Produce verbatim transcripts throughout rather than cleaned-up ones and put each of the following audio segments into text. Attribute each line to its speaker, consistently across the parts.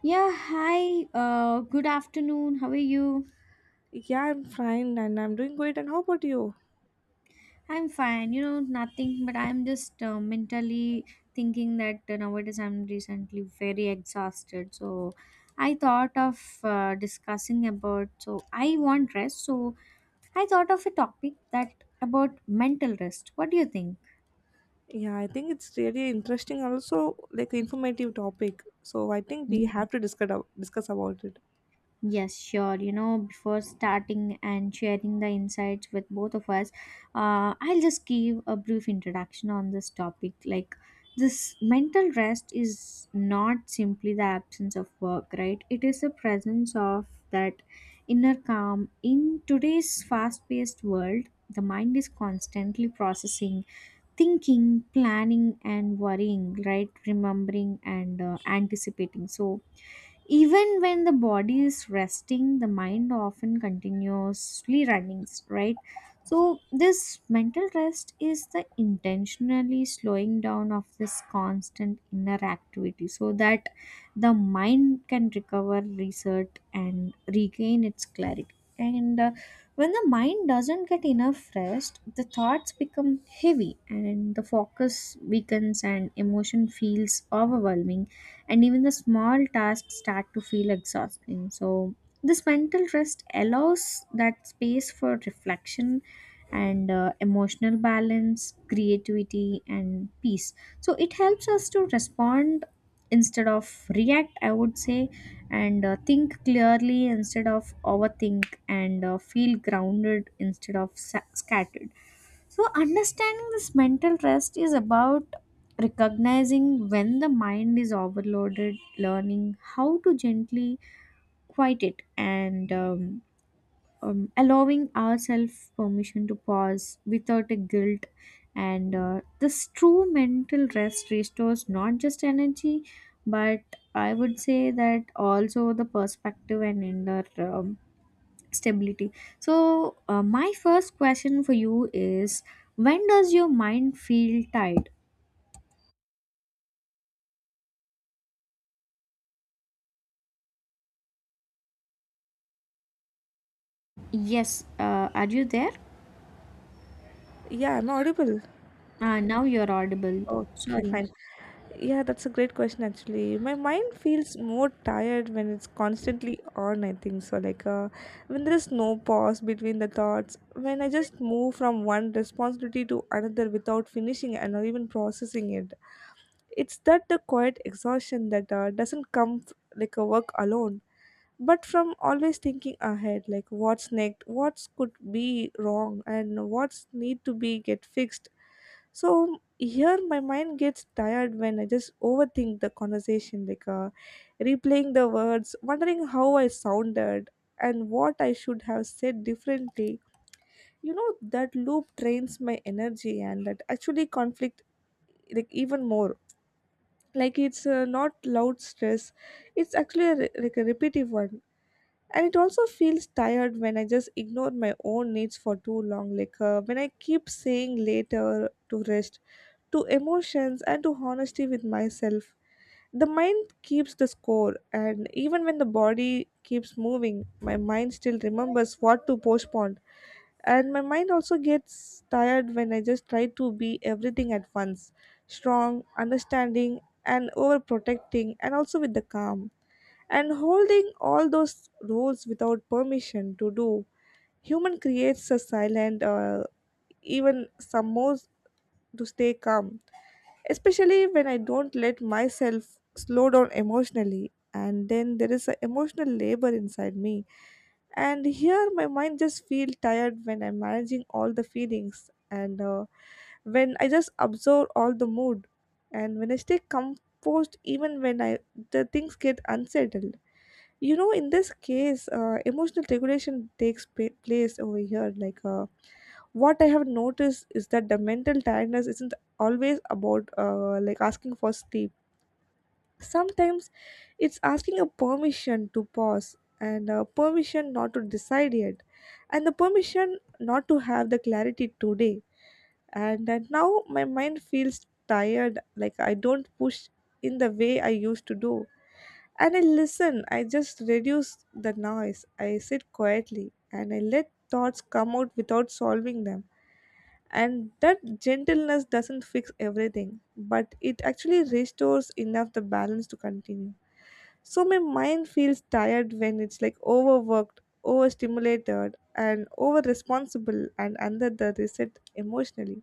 Speaker 1: Yeah, hi. Uh, good afternoon. How are you?
Speaker 2: Yeah, I'm fine and I'm doing great. And how about you?
Speaker 1: I'm fine. You know, nothing, but I'm just uh, mentally thinking that uh, nowadays I'm recently very exhausted. So I thought of uh, discussing about. So I want rest. So I thought of a topic that about mental rest. What do you think?
Speaker 2: Yeah, I think it's really interesting, also like informative topic. So I think we
Speaker 1: Mm.
Speaker 2: have to discuss ab- discuss about it.
Speaker 1: Yes, sure. You know, before starting and sharing the insights with both of us, uh, I'll just give a brief introduction on this topic. Like, this mental rest is not simply the absence of work, right? It is the presence of that inner calm. In today's fast paced world, the mind is constantly processing, thinking, planning, and worrying, right? Remembering and uh, anticipating. So, even when the body is resting, the mind often continuously running, right? So this mental rest is the intentionally slowing down of this constant inner activity so that the mind can recover, reset, and regain its clarity. And uh, When the mind doesn't get enough rest, the thoughts become heavy and the focus weakens and emotion feels overwhelming and even the small tasks start to feel exhausting. So, this mental rest allows that space for reflection and uh, emotional balance, creativity, and peace. So, it helps us to respond instead of react, I would say, and uh, think clearly instead of overthink, and uh, feel grounded instead of sa- scattered. So, understanding this mental rest is about recognizing when the mind is overloaded, learning how to gently quiet it, and um, um, allowing ourselves permission to pause without a guilt. And uh, This true mental rest restores not just energy, but I would say that also the perspective and inner um, stability. So, uh, my first question for you is, when does your mind feel tired? Yes, uh, are you there?
Speaker 2: Yeah, am I audible?
Speaker 1: Ah, now you're audible.
Speaker 2: Okay,
Speaker 1: Sorry.
Speaker 2: fine. Yeah, that's a great question actually. My mind feels more tired when it's constantly on, I think so. Like uh, when there is no pause between the thoughts, when I just move from one responsibility to another without finishing and not even processing it. It's that the quiet exhaustion that uh, doesn't come f- like a work alone, but from always thinking ahead, like what's next, what's could be wrong, and what's need to be get fixed. So here my mind gets tired when I just overthink the conversation, like uh, replaying the words, wondering how I sounded and what I should have said differently. You know that loop drains my energy and that actually conflict like even more, like it's uh, not loud stress, it's actually a, re- like a repetitive one. And it also feels tired when I just ignore my own needs for too long, like uh, when I keep saying later to rest, to emotions, and to honesty with myself. The mind keeps the score, and even when the body keeps moving, my mind still remembers what to postpone. And my mind also gets tired when I just try to be everything at once, strong, understanding, and overprotecting, and also with the calm, and holding all those roles without permission to do human, creates a silent uh, even some more, to stay calm, especially when I don't let myself slow down emotionally. And then there is an emotional labor inside me. And here my mind just feel tired when I'm managing all the feelings, and uh, when I just absorb all the mood. And when I stay composed, even when I the things get unsettled, you know, in this case uh, emotional regulation takes pa- place over here. Like uh, what I have noticed is that the mental tiredness isn't always about uh, like asking for sleep. Sometimes it's asking a permission to pause, and uh, permission not to decide yet, and the permission not to have the clarity today. And uh, now my mind feels tired like I don't push in the way I used to do, and I listen, I just reduce the noise. I sit quietly and I let thoughts come out without solving them. And that gentleness doesn't fix everything, but it actually restores enough the balance to continue. So my mind feels tired when it's like overworked, overstimulated, and over responsible, and under the reset emotionally.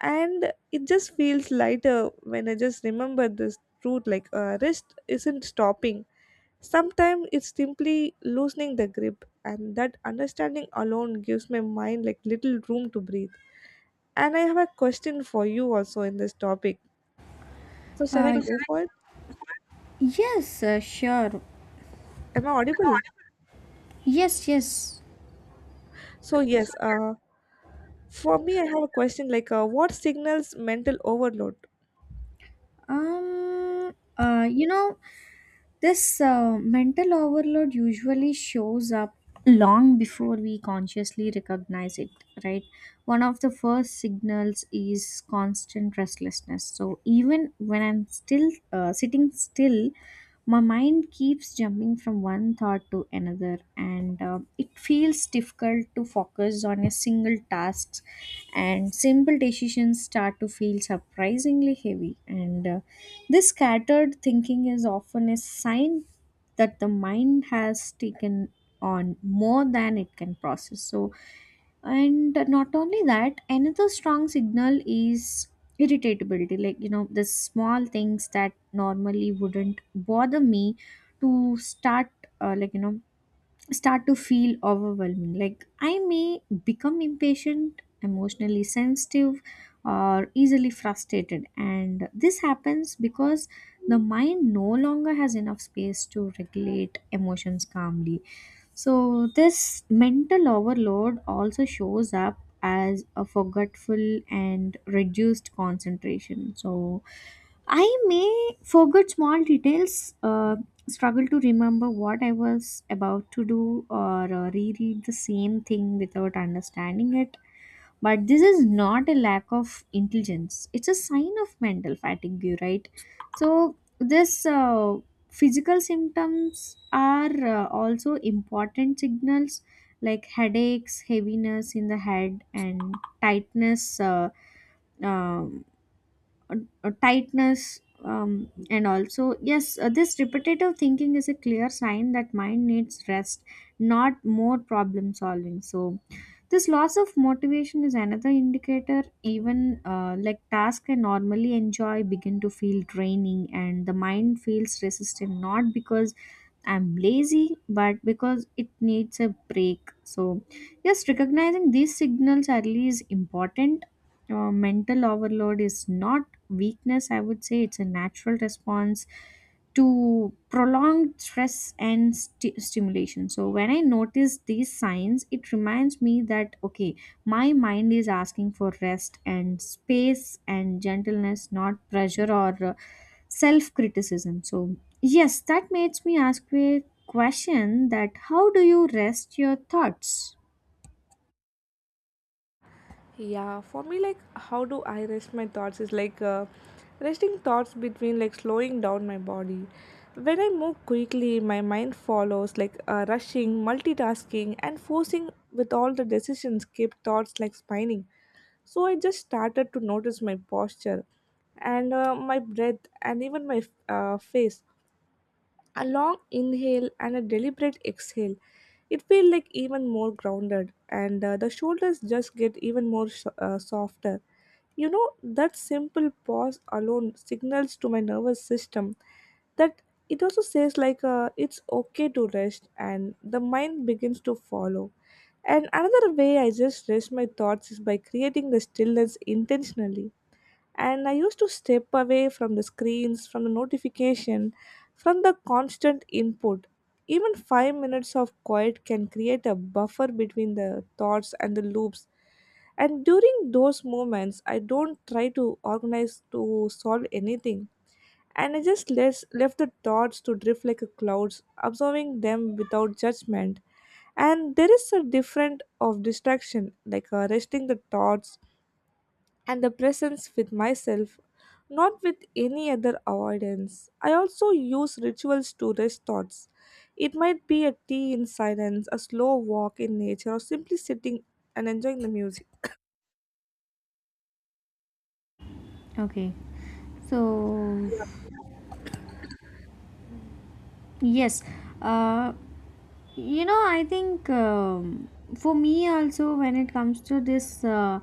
Speaker 2: And it just feels lighter when I just remember this truth, like uh, rest isn't stopping. Sometimes it's simply loosening the grip, and that understanding alone gives my mind like little room to breathe. And I have a question for you also in this topic. So shall I
Speaker 1: Uh,
Speaker 2: go for it?
Speaker 1: yes, uh, sure.
Speaker 2: Am I audible?
Speaker 1: Yes, yes.
Speaker 2: So yes, uh, for me I have a question, like uh, what signals mental overload?
Speaker 1: Um, uh, you know, this uh, mental overload usually shows up long before we consciously recognize it, right? One of the first signals is constant restlessness. So even when I'm still uh, sitting still, my mind keeps jumping from one thought to another, and uh, it feels difficult to focus on a single task. And simple decisions start to feel surprisingly heavy and uh, this scattered thinking is often a sign that the mind has taken on more than it can process. So, and not only that, another strong signal is irritability. Like, you know, the small things that normally wouldn't bother me to start, uh, like, you know, start to feel overwhelming. Like I may become impatient, emotionally sensitive, or easily frustrated. And this happens because the mind no longer has enough space to regulate emotions calmly. So, this mental overload also shows up as a forgetful and reduced concentration. So, I may forget small details, uh, struggle to remember what I was about to do, or uh, reread the same thing without understanding it. But this is not a lack of intelligence, it's a sign of mental fatigue, right? So, this uh, physical symptoms are uh, also important signals like headaches, heaviness in the head, and tightness. Uh, um, uh, uh, Tightness, um, and also yes, uh, this repetitive thinking is a clear sign that mind needs rest, not more problem solving. So this loss of motivation is another indicator. Even uh, like tasks I normally enjoy begin to feel draining and the mind feels resistant, not because I'm lazy but because it needs a break. So yes, recognizing these signals early is important. Uh, mental overload is not weakness, I would say. It's a natural response to prolonged stress and sti- stimulation. So when I notice these signs, it reminds me that, okay, my mind is asking for rest and space and gentleness, not pressure or uh, self criticism. So yes, that makes me ask a question that, how do you rest your thoughts?
Speaker 2: Yeah, for me, like, how do I rest my thoughts is like uh, resting thoughts between like slowing down my body. When I move quickly, my mind follows, like uh, rushing, multitasking, and forcing with all the decisions, keep thoughts like spinning. So I just started to notice my posture, and uh, my breath, and even my uh, face. A long inhale and a deliberate exhale. It feels like even more grounded, and uh, the shoulders just get even more so- uh, softer. You know, that simple pause alone signals to my nervous system that it also says, like uh, it's okay to rest, and the mind begins to follow. And another way I just rest my thoughts is by creating the stillness intentionally, and I used to step away from the screens, from the notification, from the constant input. Even five minutes of quiet can create a buffer between the thoughts and the loops. And during those moments, I don't try to organize to solve anything, and I just less, left the thoughts to drift like a clouds, observing them without judgment. And there is a different of distraction, like uh, resting the thoughts and the presence with myself, not with any other avoidance. I also use rituals to rest thoughts. It might be a tea in silence, a slow walk in nature, or simply sitting and enjoying the music.
Speaker 1: Okay. So yes, uh, you know, I think um, for me also, when it comes to this uh,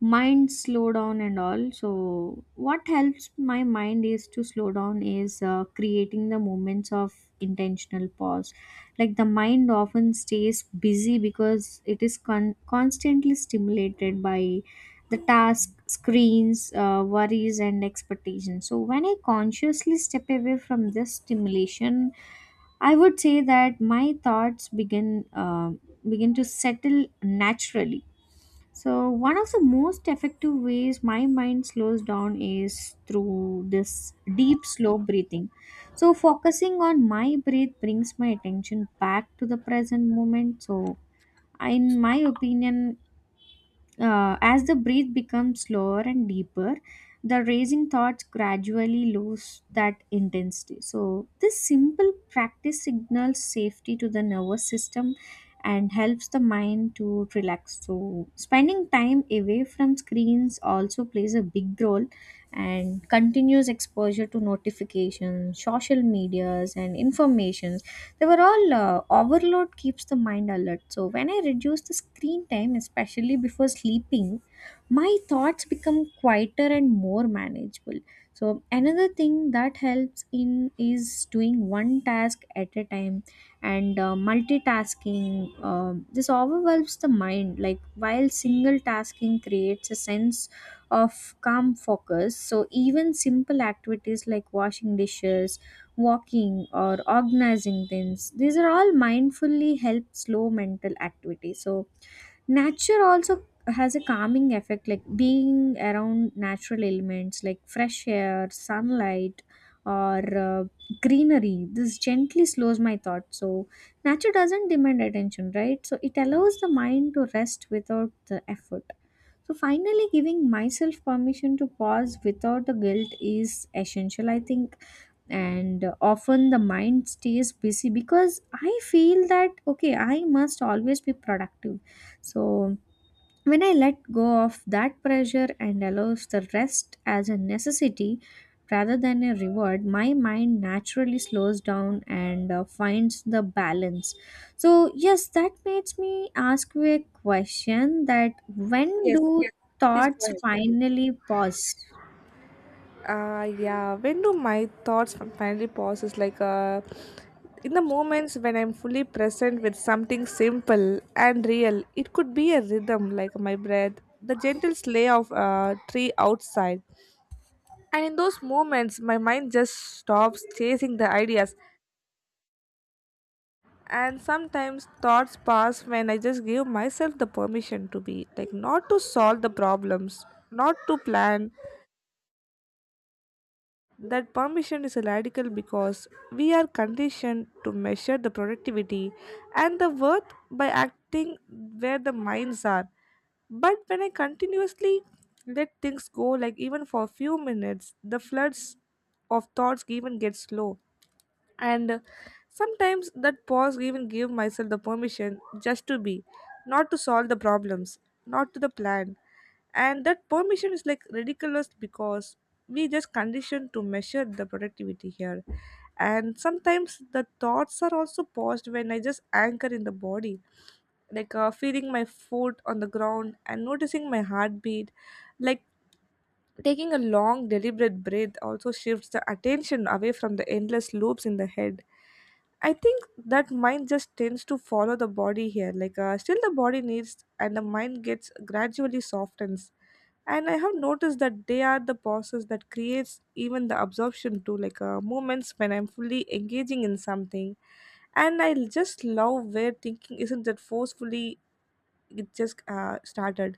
Speaker 1: mind slow down and all, so what helps my mind is to slow down is uh, creating the moments of intentional pause. Like the mind often stays busy because it is con- constantly stimulated by the task, screens, uh, worries, and expectations. So when I consciously step away from this stimulation, I would say that my thoughts begin uh, begin to settle naturally. So one of the most effective ways my mind slows down is through this deep slow breathing. So focusing on my breath brings my attention back to the present moment. So in my opinion, uh, as the breath becomes slower and deeper, the racing thoughts gradually lose that intensity. So, this simple practice signals safety to the nervous system and helps the mind to relax. So, spending time away from screens also plays a big role, and continuous exposure to notifications, social medias, and information, they were all uh, overload, keeps the mind alert. So when I reduce the screen time, especially before sleeping, my thoughts become quieter and more manageable. So another thing that helps in is doing one task at a time and uh, multitasking. Um, this overwhelms the mind. Like while single tasking creates a sense of calm focus. So even simple activities like washing dishes, walking, or organizing things, these are all mindfully help slow mental activity. So nature also has a calming effect, like being around natural elements like fresh air, sunlight, or uh, greenery. This gently slows my thoughts. So nature doesn't demand attention, right? So it allows the mind to rest without the effort. So finally, giving myself permission to pause without the guilt is essential, I think, and often the mind stays busy because I feel that, okay, I must always be productive. So when I let go of that pressure and allows the rest as a necessity rather than a reward, my mind naturally slows down and uh, finds the balance. So yes, that makes me ask you a question that, when
Speaker 2: Yes,
Speaker 1: do
Speaker 2: please go
Speaker 1: thoughts
Speaker 2: ahead.
Speaker 1: finally pause?
Speaker 2: Uh, yeah, when do my thoughts finally pause? Is like uh, in the moments when I'm fully present with something simple and real. It could be a rhythm, like my breath, the gentle sleigh of a tree outside, and in those moments my mind just stops chasing the ideas. And sometimes thoughts pass when I just give myself the permission to be, like, not to solve the problems, not to plan. That permission is radical because we are conditioned to measure the productivity and the worth by acting where the minds are. But when I continuously let things go, like even for a few minutes, the floods of thoughts even get slow. And uh, sometimes that pause even gave myself the permission just to be, not to solve the problems, not to the plan, and that permission is like ridiculous because we just conditioned to measure the productivity here. And sometimes the thoughts are also paused when I just anchor in the body, like uh, feeling my foot on the ground and noticing my heartbeat, like taking a long deliberate breath also shifts the attention away from the endless loops in the head. I think that mind just tends to follow the body here. Like uh, still the body needs and the mind gets gradually softens. And I have noticed that they are the process that creates even the absorption too. Like uh, moments when I'm fully engaging in something, and I just love where thinking isn't that forcefully, it just uh, started,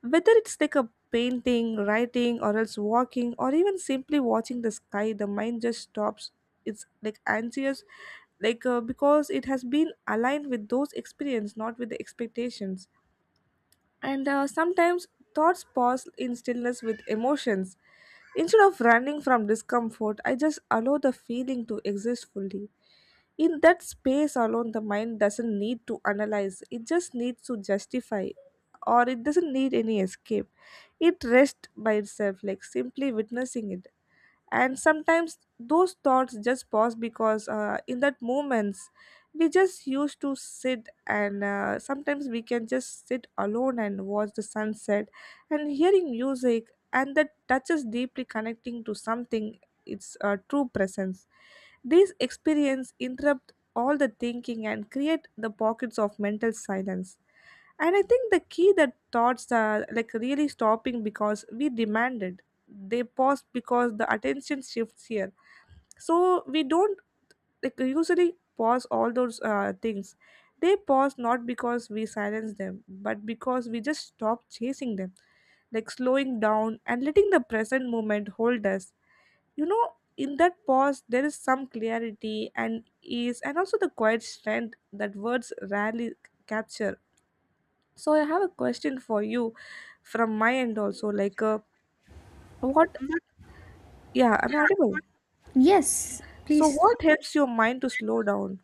Speaker 2: whether it's like a painting, writing, or else walking, or even simply watching the sky, the mind just stops. It's like anxious, like uh, because it has been aligned with those experience, not with the expectations. And uh, sometimes thoughts pause in stillness with emotions. Instead of running from discomfort, I just allow the feeling to exist fully. In that space alone, the mind doesn't need to analyze, it just needs to justify, or it doesn't need any escape. It rests by itself, like simply witnessing it. And sometimes those thoughts just pause because uh, in that moments we just used to sit, and uh, sometimes we can just sit alone and watch the sunset and hearing music, and that touches deeply, connecting to something, its uh, true presence. These experience interrupt all the thinking and create the pockets of mental silence. And I think the key that thoughts are like really stopping because we demanded, they pause because the attention shifts here. So we don't like usually pause all those uh, things, they pause not because we silence them, but because we just stop chasing them, like slowing down and letting the present moment hold us. You know, in that pause there is some clarity and ease, and also the quiet strength that words rarely capture. So I have a question for you from my end also, like uh, what, yeah, am I audible?
Speaker 1: Yes,
Speaker 2: So
Speaker 1: please.
Speaker 2: what helps your mind to slow down?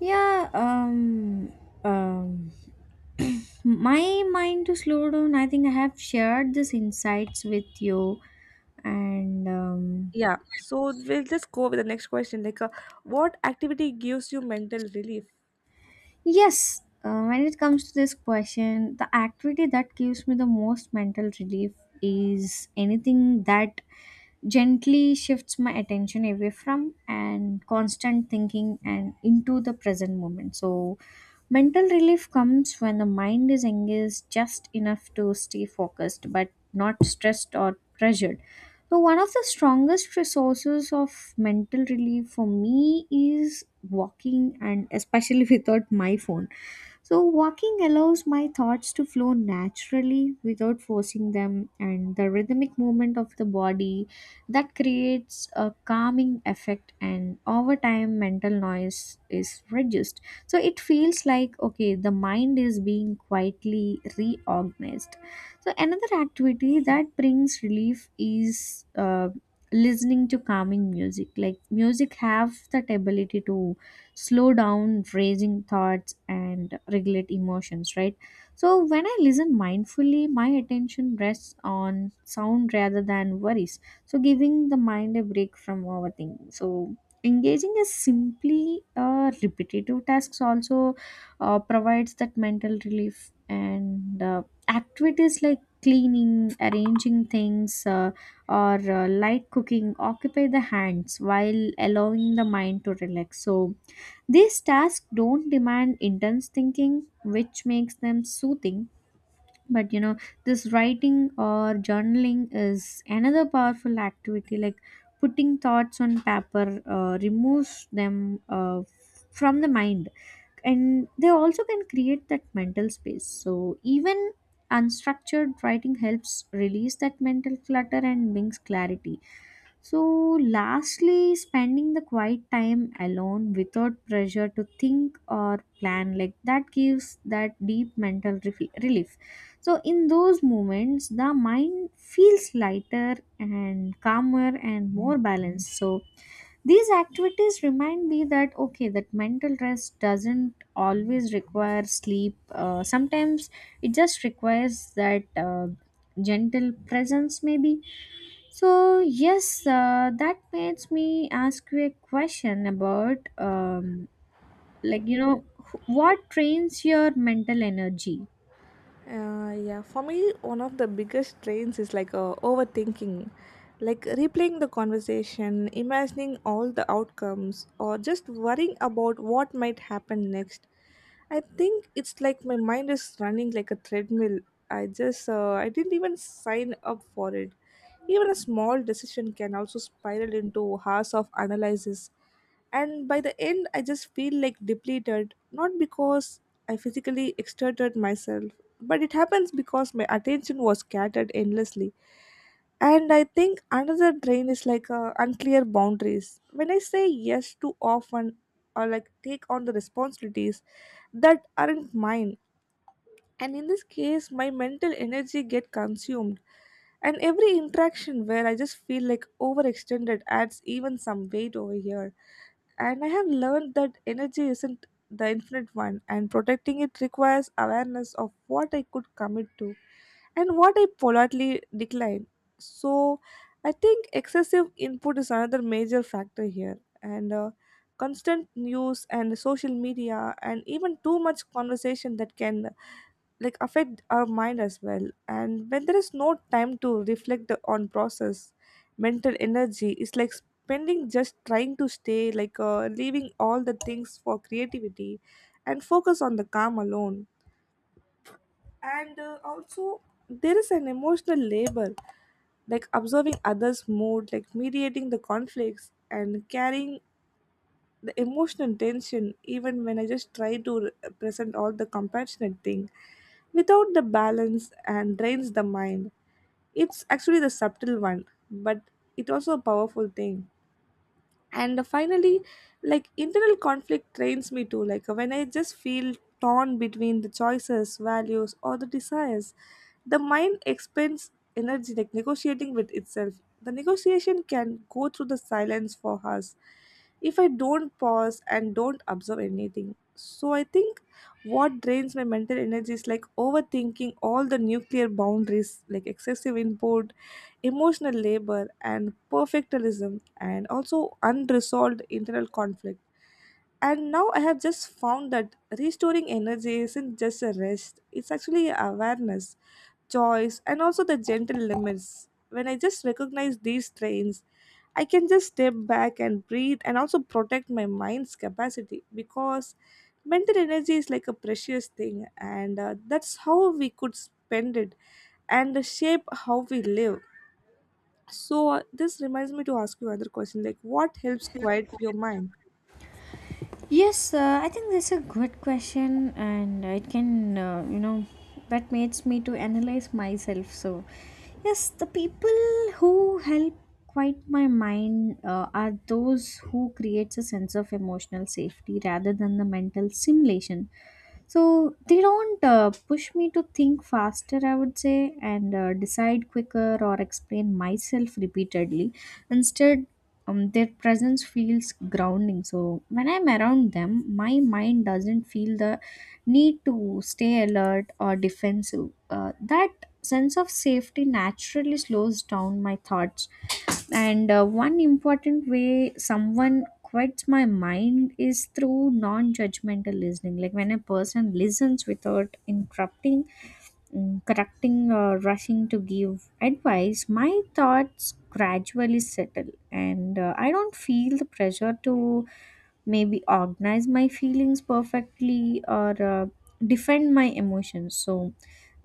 Speaker 1: Yeah, um, um, my mind to slow down. I think I have shared these insights with you, and um,
Speaker 2: Yeah. So we'll just go with the next question. Like, uh, what activity gives you mental relief?
Speaker 1: yes, uh, when it comes to this question, the activity that gives me the most mental relief is anything that gently shifts my attention away from and constant thinking and into the present moment. So, mental relief comes when the mind is engaged just enough to stay focused but not stressed or pressured. So, one of the strongest resources of mental relief for me is walking and especially without my phone. So, walking allows my thoughts to flow naturally without forcing them, and the rhythmic movement of the body, that creates a calming effect. And over time, mental noise is reduced. So, it feels like, okay, the mind is being quietly reorganized. So, another activity that brings relief is uh, listening to calming music. Like, music have that ability to slow down raising thoughts and regulate emotions, right? So when I listen mindfully, my attention rests on sound rather than worries, so giving the mind a break from overthinking. So engaging is simply uh, repetitive tasks also uh, provides that mental relief, and uh, activities like cleaning, arranging things, uh, or uh, light cooking, occupy the hands while allowing the mind to relax. So these tasks don't demand intense thinking, which makes them soothing. But you know, this writing or journaling is another powerful activity. Like putting thoughts on paper uh, removes them uh, from the mind, and they also can create that mental space. So even unstructured writing helps release that mental clutter and brings clarity. So lastly, spending the quiet time alone without pressure to think or plan, like that gives that deep mental refi- relief. So in those moments, the mind feels lighter and calmer and more balanced. So these activities remind me that, okay, that mental rest doesn't always require sleep. Uh, sometimes it just requires that uh, gentle presence, maybe. So yes, uh, that makes me ask you a question about um, like you know, wh- what trains your mental energy.
Speaker 2: Uh, yeah, for me, one of the biggest drains is like uh, overthinking, like replaying the conversation, imagining all the outcomes, or just worrying about what might happen next. I think it's like my mind is running like a treadmill. I just, uh, I didn't even sign up for it. Even a small decision can also spiral into hours of analysis. And by the end, I just feel like depleted, not because I physically exerted myself, but it happens because my attention was scattered endlessly. And I think another drain is like uh, unclear boundaries, when I say yes too often or like take on the responsibilities that aren't mine, and in this case my mental energy get consumed, and every interaction where I just feel like overextended adds even some weight over here. And I have learned that energy isn't the infinite one, and protecting it requires awareness of what I could commit to and what I politely decline. So I think excessive input is another major factor here, and uh, constant news and social media, and even too much conversation that can like affect our mind as well. And when there is no time to reflect on process, mental energy is like spending just trying to stay like uh, leaving all the things for creativity and focus on the calm alone. And uh, also there is an emotional labor, like observing others mood, like mediating the conflicts and carrying the emotional tension, even when I just try to re- present all the compassionate thing without the balance, and drains the mind. It's actually the subtle one, but it also a powerful thing. And finally, like internal conflict trains me too. Like when I just feel torn between the choices, values, or the desires, the mind expends energy like negotiating with itself. The negotiation can go through the silence for us if I don't pause and don't observe anything. So I think what drains my mental energy is like overthinking all the nuclear boundaries, like excessive input, emotional labor and perfectionism, and also unresolved internal conflict. And now I have just found that restoring energy isn't just a rest, it's actually awareness, choice, and also the gentle limits. When I just recognize these strains, I can just step back and breathe and also protect my mind's capacity, because mental energy is like a precious thing, and uh, that's how we could spend it and shape how we live. So uh, this reminds me to ask you another question, like what helps quiet your mind?
Speaker 1: Yes, uh, I think that's a good question, and it can, uh, you know, that makes me to analyze myself. So, yes, the people who help quiet my mind uh, are those who creates a sense of emotional safety rather than the mental simulation. So they don't uh, push me to think faster, I would say, and uh, decide quicker or explain myself repeatedly. Instead, um, their presence feels grounding. So when I'm around them, my mind doesn't feel the need to stay alert or defensive. Uh, that sense of safety naturally slows down my thoughts. And uh, one important way someone quiets my mind is through non judgmental listening. Like when a person listens without interrupting, mm, correcting or rushing to give advice, my thoughts gradually settle and uh, I don't feel the pressure to maybe organize my feelings perfectly or uh, defend my emotions. So,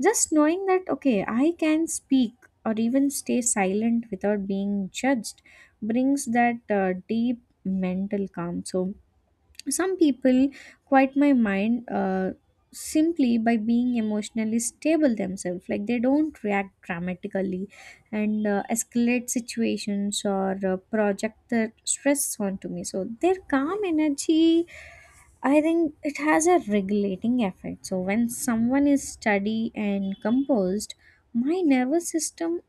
Speaker 1: just knowing that, okay, I can speak or even stay silent without being judged brings that uh, deep mental calm. So, some people quiet my mind uh, simply by being emotionally stable themselves, like they don't react dramatically and uh, escalate situations or uh, project their stress onto me. So their calm energy, I think it has a regulating effect. So when someone is steady and composed, my nervous system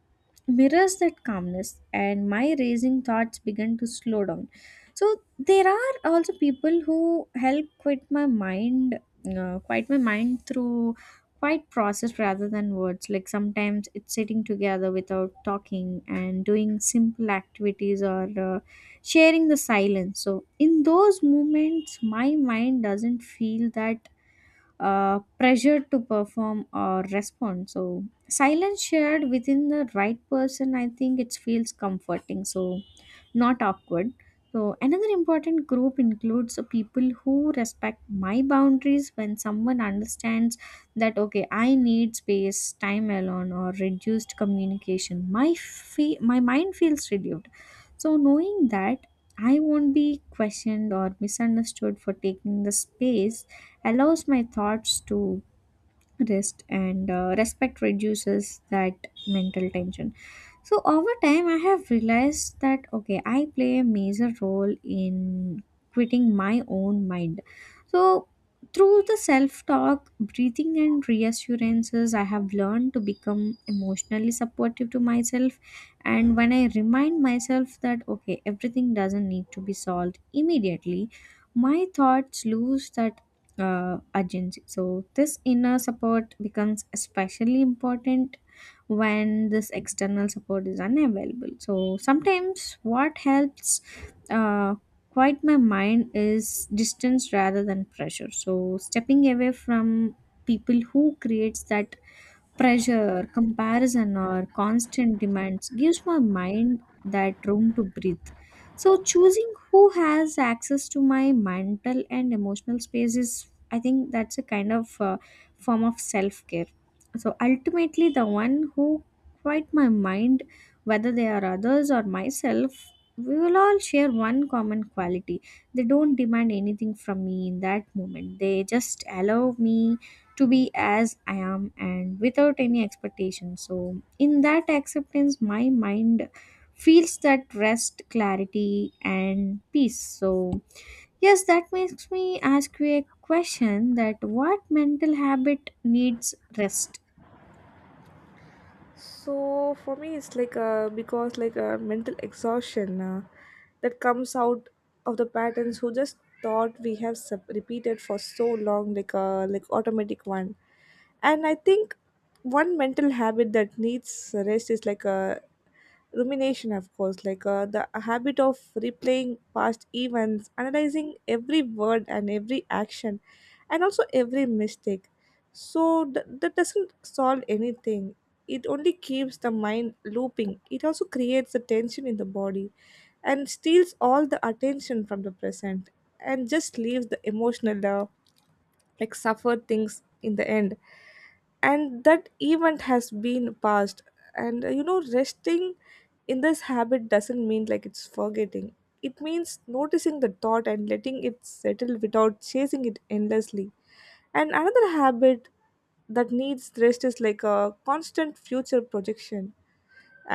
Speaker 1: mirrors that calmness and my racing thoughts began to slow down. So there are also people who help quit my mind uh, quiet my mind through quiet process rather than words, like sometimes it's sitting together without talking and doing simple activities or uh, sharing the silence. So in those moments, my mind doesn't feel that uh, pressure to perform or respond. So silence shared within the right person, I think it feels comforting. So not awkward. So, another important group includes people who respect my boundaries. When someone understands that, okay, I need space, time alone, or reduced communication, my, fe- my mind feels relieved. So, knowing that I won't be questioned or misunderstood for taking the space allows my thoughts to rest, and uh, respect reduces that mental tension. So over time, I have realized that, okay, I play a major role in quitting my own mind. So through the self talk, breathing, and reassurances, I have learned to become emotionally supportive to myself. And when I remind myself that, okay, everything doesn't need to be solved immediately, my thoughts lose that uh, urgency. So, this inner support becomes especially important when this external support is unavailable. So sometimes what helps uh, quiet my mind is distance rather than pressure. So stepping away from people who creates that pressure, comparison, or constant demands gives my mind that room to breathe. So, choosing who has access to my mental and emotional space is, I think, that's a kind of uh, form of self care. So, ultimately, the one who quiet my mind, whether they are others or myself, we will all share one common quality. They don't demand anything from me in that moment, they just allow me to be as I am and without any expectation. So, in that acceptance, my mind feels that rest, clarity, and peace. So, yes, that makes me ask you a question that, what mental habit needs rest?
Speaker 2: So for me it's like uh, because like uh, mental exhaustion uh, that comes out of the patterns who just thought we have sub- repeated for so long, like uh, like automatic one. And I think one mental habit that needs rest is like uh, rumination, of course, like uh, the habit of replaying past events, analyzing every word and every action and also every mistake. So th- that doesn't solve anything, it only keeps the mind looping. It also creates the tension in the body and steals all the attention from the present and just leaves the emotional uh, like suffered things in the end, and that event has been past. And uh, you know resting in this habit doesn't mean like it's forgetting, it means noticing the thought and letting it settle without chasing it endlessly. And another habit that needs rest is like a constant future projection.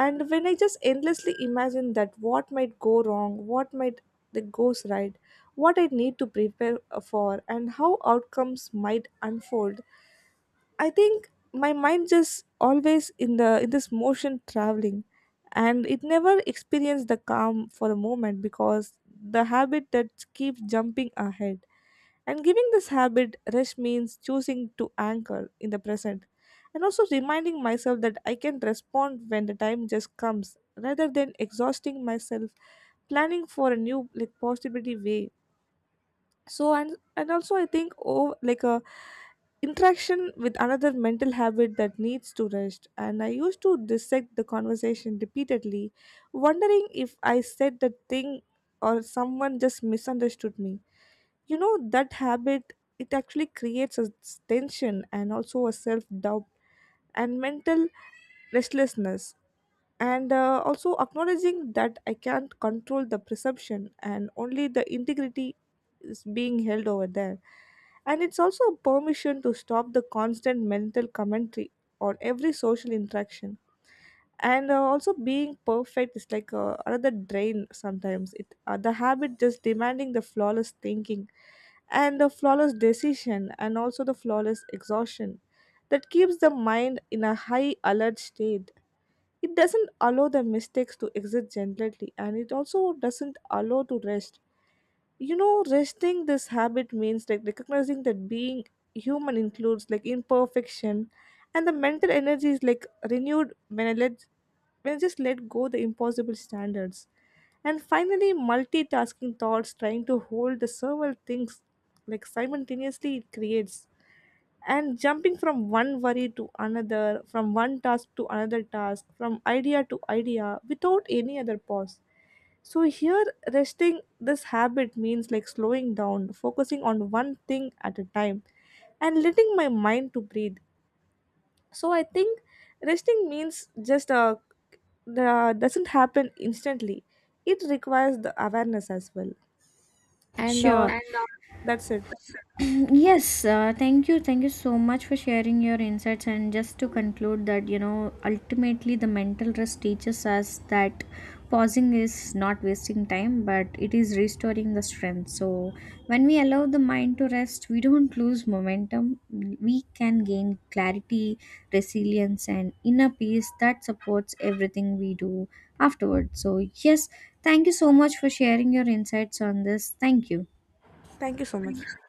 Speaker 2: And when I just endlessly imagine that what might go wrong, what might that goes right, what I need to prepare uh, for, and how outcomes might unfold, I think my mind just always in the in this motion traveling, and it never experienced the calm for a moment because the habit that keeps jumping ahead. And giving this habit rest means choosing to anchor in the present and also reminding myself that I can respond when the time just comes rather than exhausting myself planning for a new like possibility way. So and and also I think, oh, like a interaction with another mental habit that needs to rest, and I used to dissect the conversation repeatedly, wondering if I said the thing or someone just misunderstood me. You know that habit, it actually creates a s- tension and also a self doubt and mental restlessness. And uh, also acknowledging that I can't control the perception and only the integrity is being held over there. And it's also a permission to stop the constant mental commentary on every social interaction. And uh, also being perfect is like a another drain. Sometimes it uh, the habit just demanding the flawless thinking and the flawless decision and also the flawless exhaustion that keeps the mind in a high alert state. It doesn't allow the mistakes to exit gently, and it also doesn't allow to rest. You know resting this habit means like recognizing that being human includes like imperfection, and the mental energy is like renewed when I let when I just let go the impossible standards. And finally, multitasking thoughts, trying to hold the several things like simultaneously, it creates and jumping from one worry to another, from one task to another task, from idea to idea without any other pause. So here resting this habit means like slowing down, focusing on one thing at a time and letting my mind to breathe. So I think resting means just uh, the doesn't happen instantly. It requires the awareness as well. And
Speaker 1: Sure.
Speaker 2: uh, that's it.
Speaker 1: Yes, uh, thank you. Thank you so much for sharing your insights. And just to conclude, that you know, ultimately, the mental rest teaches us that pausing is not wasting time, but it is restoring the strength. So, when we allow the mind to rest, we don't lose momentum. We can gain clarity, resilience, and inner peace that supports everything we do afterwards. So, yes, thank you so much for sharing your insights on this. Thank you.
Speaker 2: Thank you so much.